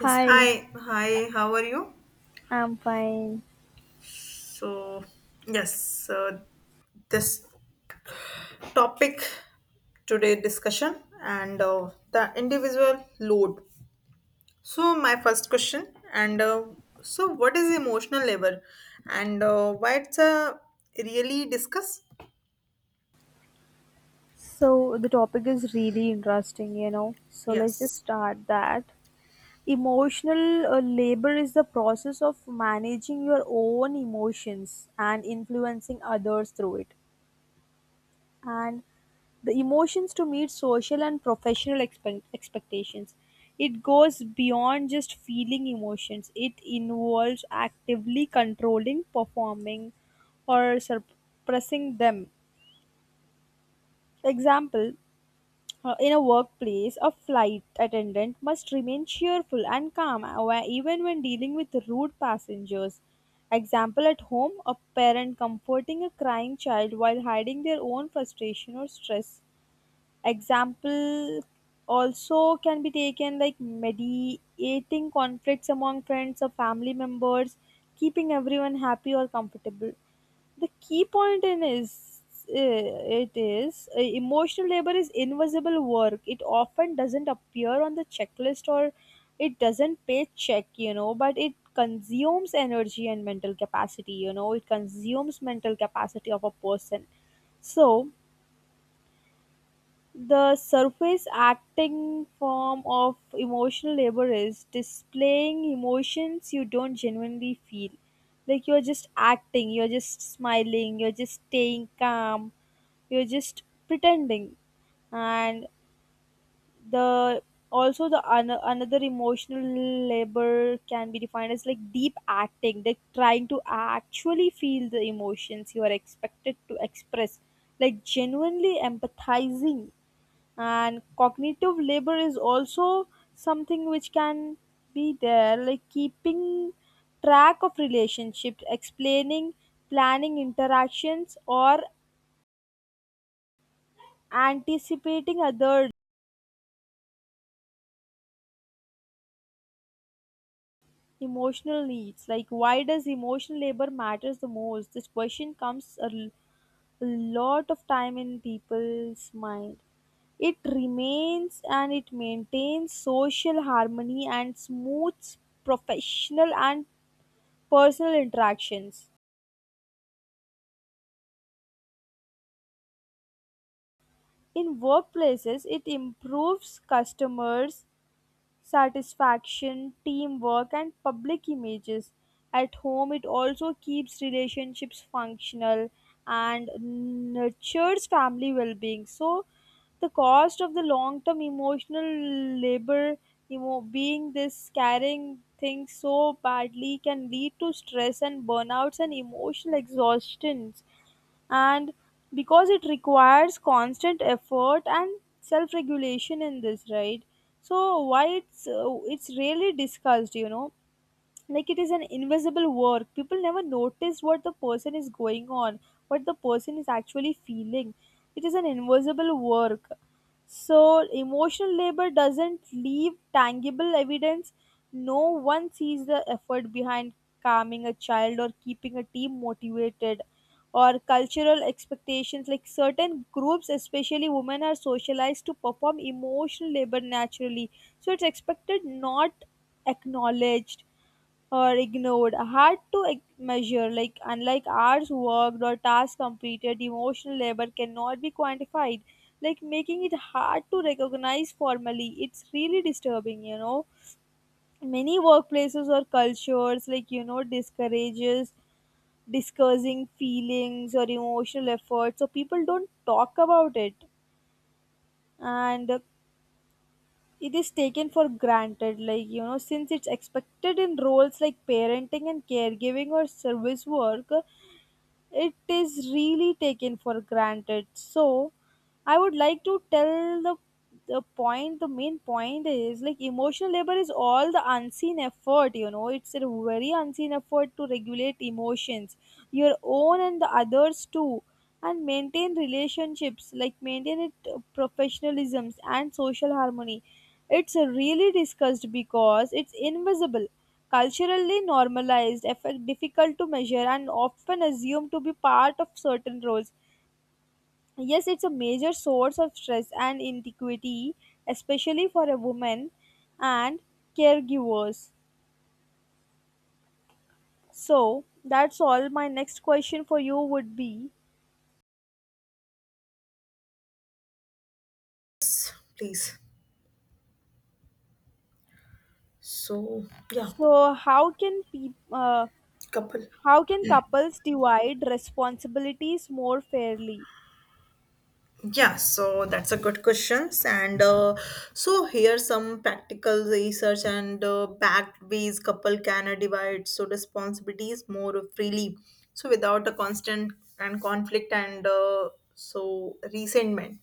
Yes, hi, hi, how are you? I'm fine. So, yes, this topic today discussion and the individual load. So, my first question and so what is emotional labor and why it's a really discuss? So, the topic is really interesting, you know. So, let's just Yes, start that. Emotional labor is the process of managing your own emotions and influencing others through it. And the emotions to meet social and professional expectations. It goes beyond just feeling emotions. It involves actively controlling, performing, or suppressing them. Example. In a workplace, a flight attendant must remain cheerful and calm even when dealing with rude passengers. Example, at home, a parent comforting a crying child while hiding their own frustration or stress. Example also can be taken like mediating conflicts among friends or family members, keeping everyone happy or comfortable. The key point in is it is emotional labor is invisible work. It often doesn't appear on the checklist, or it doesn't pay check, you know, but it consumes energy and mental capacity, you know, it consumes mental capacity of a person. So the surface acting form of emotional labor is displaying emotions you don't genuinely feel. Like, you're just acting, you're just smiling, you're just staying calm, you're just pretending. And the also the another emotional labor can be defined as like deep acting, like trying to actually feel the emotions you are expected to express, like genuinely empathizing. And cognitive labor is also something which can be there, like keeping track of relationships, explaining, planning interactions, or anticipating other emotional needs. Like, why does emotional labor matters the most? This question comes a lot of time in people's mind. It remains and it maintains social harmony and smooths professional and personal interactions. In workplaces, it improves customers' satisfaction, teamwork, and public images. At home, it also keeps relationships functional and nurtures family well being. So, the cost of the long term emotional labor, being this carrying things so badly, can lead to stress and burnouts and emotional exhaustions, and because it requires constant effort and self regulation in this, right? So why it's really discussed, you know. Like, it is an invisible work. People never notice what the person is going on, what the person is actually feeling. It is an invisible work. So emotional labor doesn't leave tangible evidence. No one sees the effort behind calming a child or keeping a team motivated, or cultural expectations, like certain groups especially women are socialized to perform emotional labor naturally. So it's expected, not acknowledged or ignored, hard to measure. Like, unlike hours worked or tasks completed, emotional labor cannot be quantified, like making it hard to recognize formally. It's really disturbing, you know. Many workplaces or cultures, like, you know, discourages discussing feelings or emotional effort, so people don't talk about it, and it is taken for granted, like, you know, since it's expected in roles like parenting and caregiving or service work. It is really taken for granted. So, I would like to tell the point, the main point is like emotional labor is all the unseen effort, you know. It's a very unseen effort to regulate emotions, your own and the others too, and maintain relationships, like maintain it professionalisms and social harmony. It's really discussed because it's invisible, culturally normalized, effect difficult to measure, and often assumed to be part of certain roles. Yes, it's a major source of stress and inequity, especially for a woman and caregivers. So, that's all. My next question for you would be: please. So, yeah, so, how can peop couple. how can couples divide responsibilities more fairly? Yeah, so that's a good questions. And so here some practical research and backed ways couple can divide so responsibilities more freely. So without a constant and conflict and so resentment.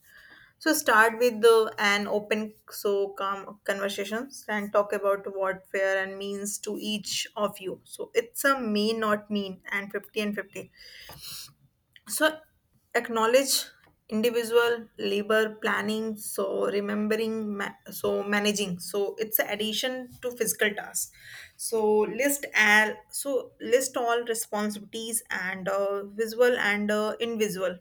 So start with an open so calm conversations and talk about what fair and means to each of you. So it's a may not mean and 50/50 so acknowledge individual labor planning so remembering so managing so it's an addition to physical tasks so list all responsibilities and visual and invisible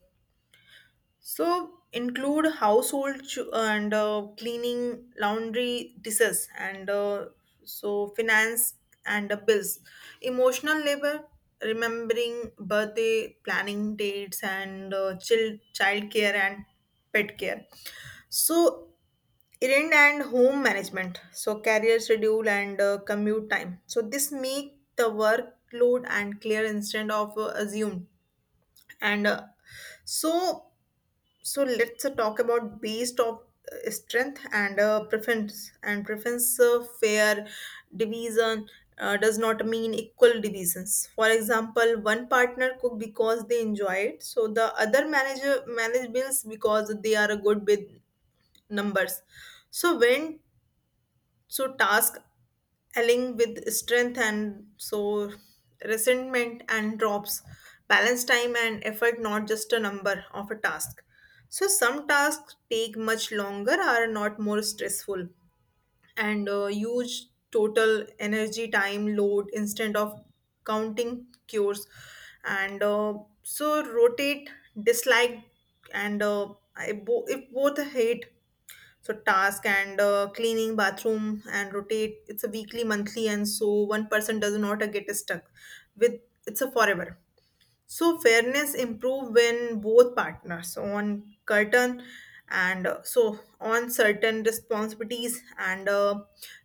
so include household and cleaning, laundry, dishes, and so finance and bills, emotional labor, remembering birthday, planning dates, and child care and pet care. So errand and home management. So career schedule and commute time. So this make the workload and clear instead of assumed and so so let's talk about based of strength and preference fair division does not mean equal divisions for example one partner cook because they enjoy it so the other manage bills because they are good with numbers so when so task allying with strength and so resentment and drops balance time and effort not just a number of a task so some tasks take much longer are not more stressful and huge total energy time load instead of counting cures and so rotate dislike and if both hate so task and cleaning bathroom and rotate it's a weekly monthly and so one person does not get stuck with it's a forever so fairness improve when both partners on curtain and so on certain responsibilities and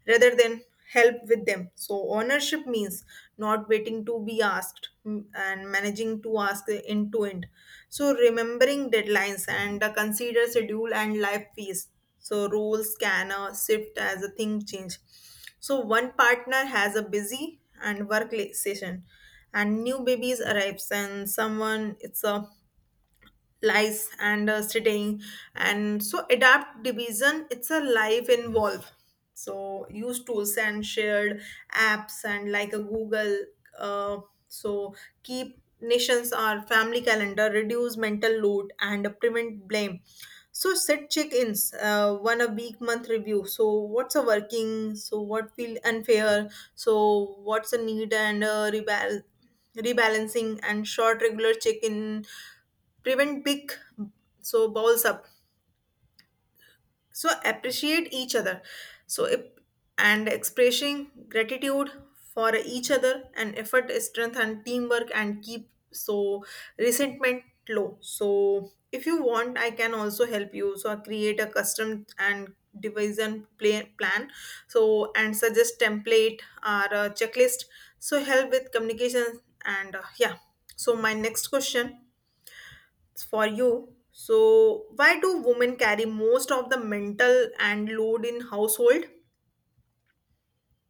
rather than help with them. So ownership means not waiting to be asked, and managing to ask end to end. So remembering deadlines and consider schedule and life phase. So roles can shift as a thing change so one partner has a busy and session, and new babies arrives, and someone it's a lies and sitting and so adapt division it's a live involve so use tools and shared apps and like a google, uh, so keep nations or family calendar reduce mental load and prevent blame so set check-ins, one a week month review so what's a working so what feel unfair so what's a need and rebalancing and short regular check-in prevent big so balls up so appreciate each other so if, and expressing gratitude for each other and effort strength and teamwork and keep so resentment low so if you want I can also help you so I create a custom and division plan so and suggest template or a checklist so help with communication and yeah, so my next question for you. So, why do women carry most of the mental and load in household?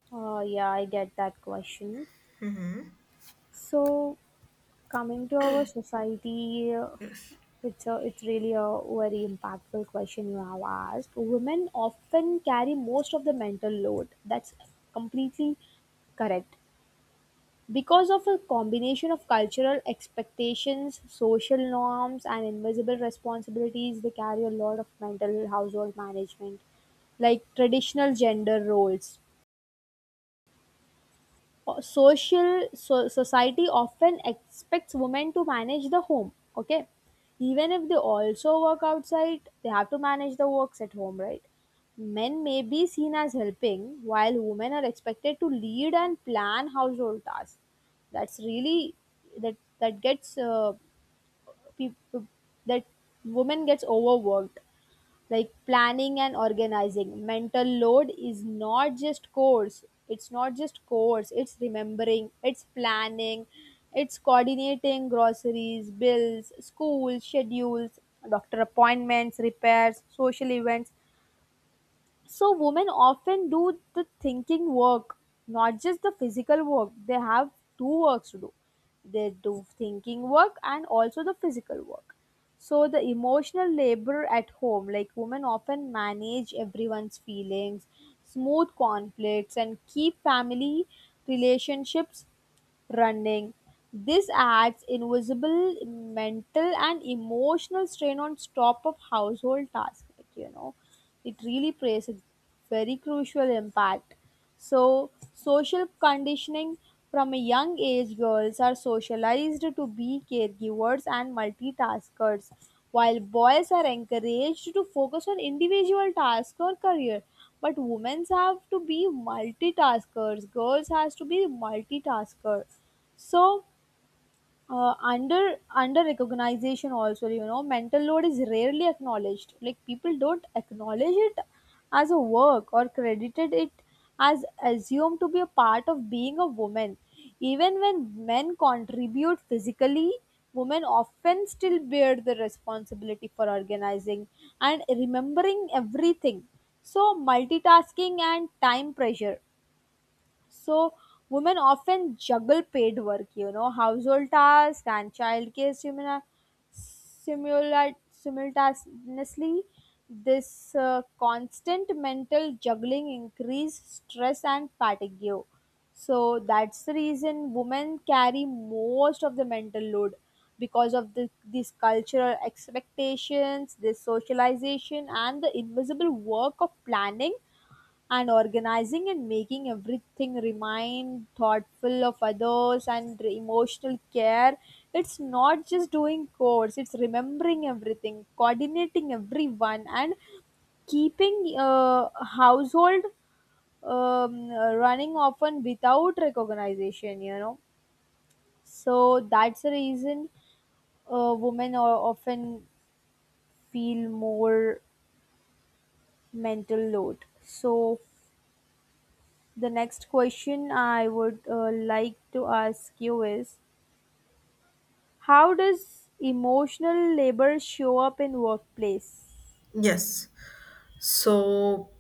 Yeah, I get that question. So, coming to our society picture, it's really a very impactful question you have asked. Women often carry most of the mental load. That's completely correct. Because of a combination of cultural expectations, social norms, and invisible responsibilities, they carry a lot of mental household management, like traditional gender roles, social, so society often expects women to manage the home. Okay. Even if they also work outside, they have to manage the works at home, right? Men may be seen as helping while women are expected to lead and plan household tasks. That's really that gets people that women gets overworked. Like planning and organizing, mental load is not just course, it's not just course, it's remembering, it's planning, it's coordinating groceries, bills, school schedules, doctor appointments, repairs, social events. So women often do the thinking work, not just the physical work. They have two works to do. They do thinking work and also the physical work. So the emotional labor at home, like women often manage everyone's feelings, smooth conflicts and keep family relationships running. This adds invisible mental and emotional strain on top of household tasks. Like, you know, it really plays a very crucial impact. So, social conditioning from a young age, girls are socialized to be caregivers and multitaskers, while boys are encouraged to focus on individual tasks or career. But women have to be multitaskers, girls has to be multitasker. So under recognition also, you know, mental load is rarely acknowledged. Like people don't acknowledge it as a work or credited it, as assumed to be a part of being a woman. Even when men contribute physically, women often still bear the responsibility for organizing and remembering everything. So multitasking and time pressure, so women often juggle paid work, you know, household tasks and childcare simultaneously. This constant mental juggling increase stress and fatigue. So that's the reason women carry most of the mental load, because of the, these cultural expectations, this socialization, and the invisible work of planning and organizing and making everything remind thoughtful of others and emotional care. It's not just doing chores, it's remembering everything, coordinating everyone and keeping household um, running often without recognition, you know. So that's the reason women are often feel more mental load. So the next question I would like to ask you is how does emotional labor show up in workplace? Yes. So,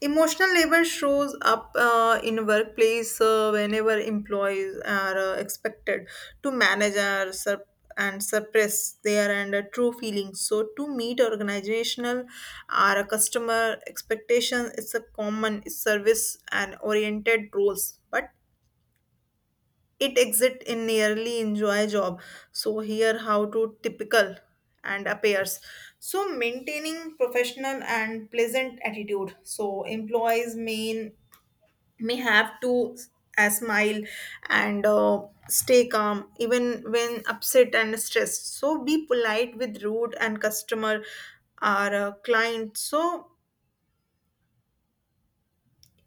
emotional labor shows up in workplace whenever employees are expected to manage our and suppress their and true feelings. So, to meet organizational or a customer expectation, it's a common service and oriented roles. But it exit in nearly enjoy job so here how to typical and appears so maintaining professional and pleasant attitude so employees may have to smile and stay calm even when upset and stressed so be polite with rude and customer or client so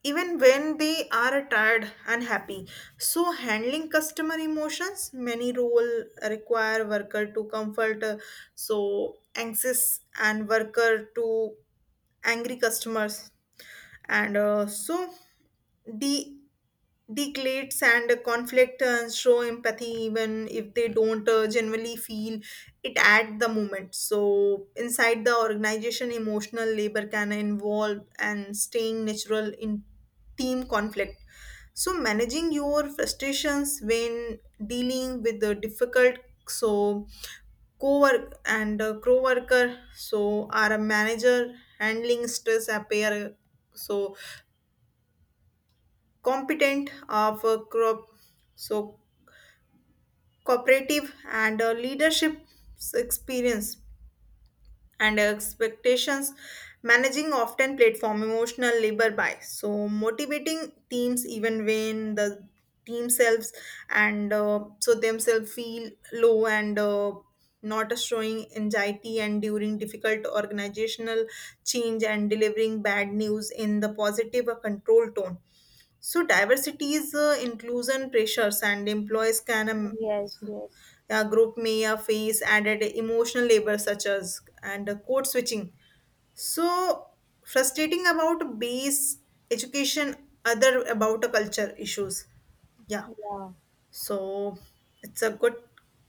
even when they are tired and happy so handling customer emotions many role require worker to comfort, so anxious and worker to angry customers and so the declates and conflict, show empathy even if they don't generally feel it at the moment so inside the organization emotional labor can involve and staying natural in team conflict so managing your frustrations when dealing with the difficult so co-worker so are a manager handling stress appear so competent of a crop so cooperative and leadership experience and expectations managing often platform emotional labor by so motivating teams even when the team selves and so themselves feel low and not showing anxiety and during difficult organizational change and delivering bad news in the positive or controlled tone so diversity is inclusion pressures and employees can, Yes, um, yes. yeah, group mia phase added emotional labor such as and code switching. So frustrating about base education, other about a culture issues. Yeah. Yeah. So it's a good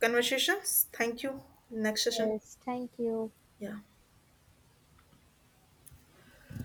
conversation. Thank you. Next session. Yes, thank you. Yeah.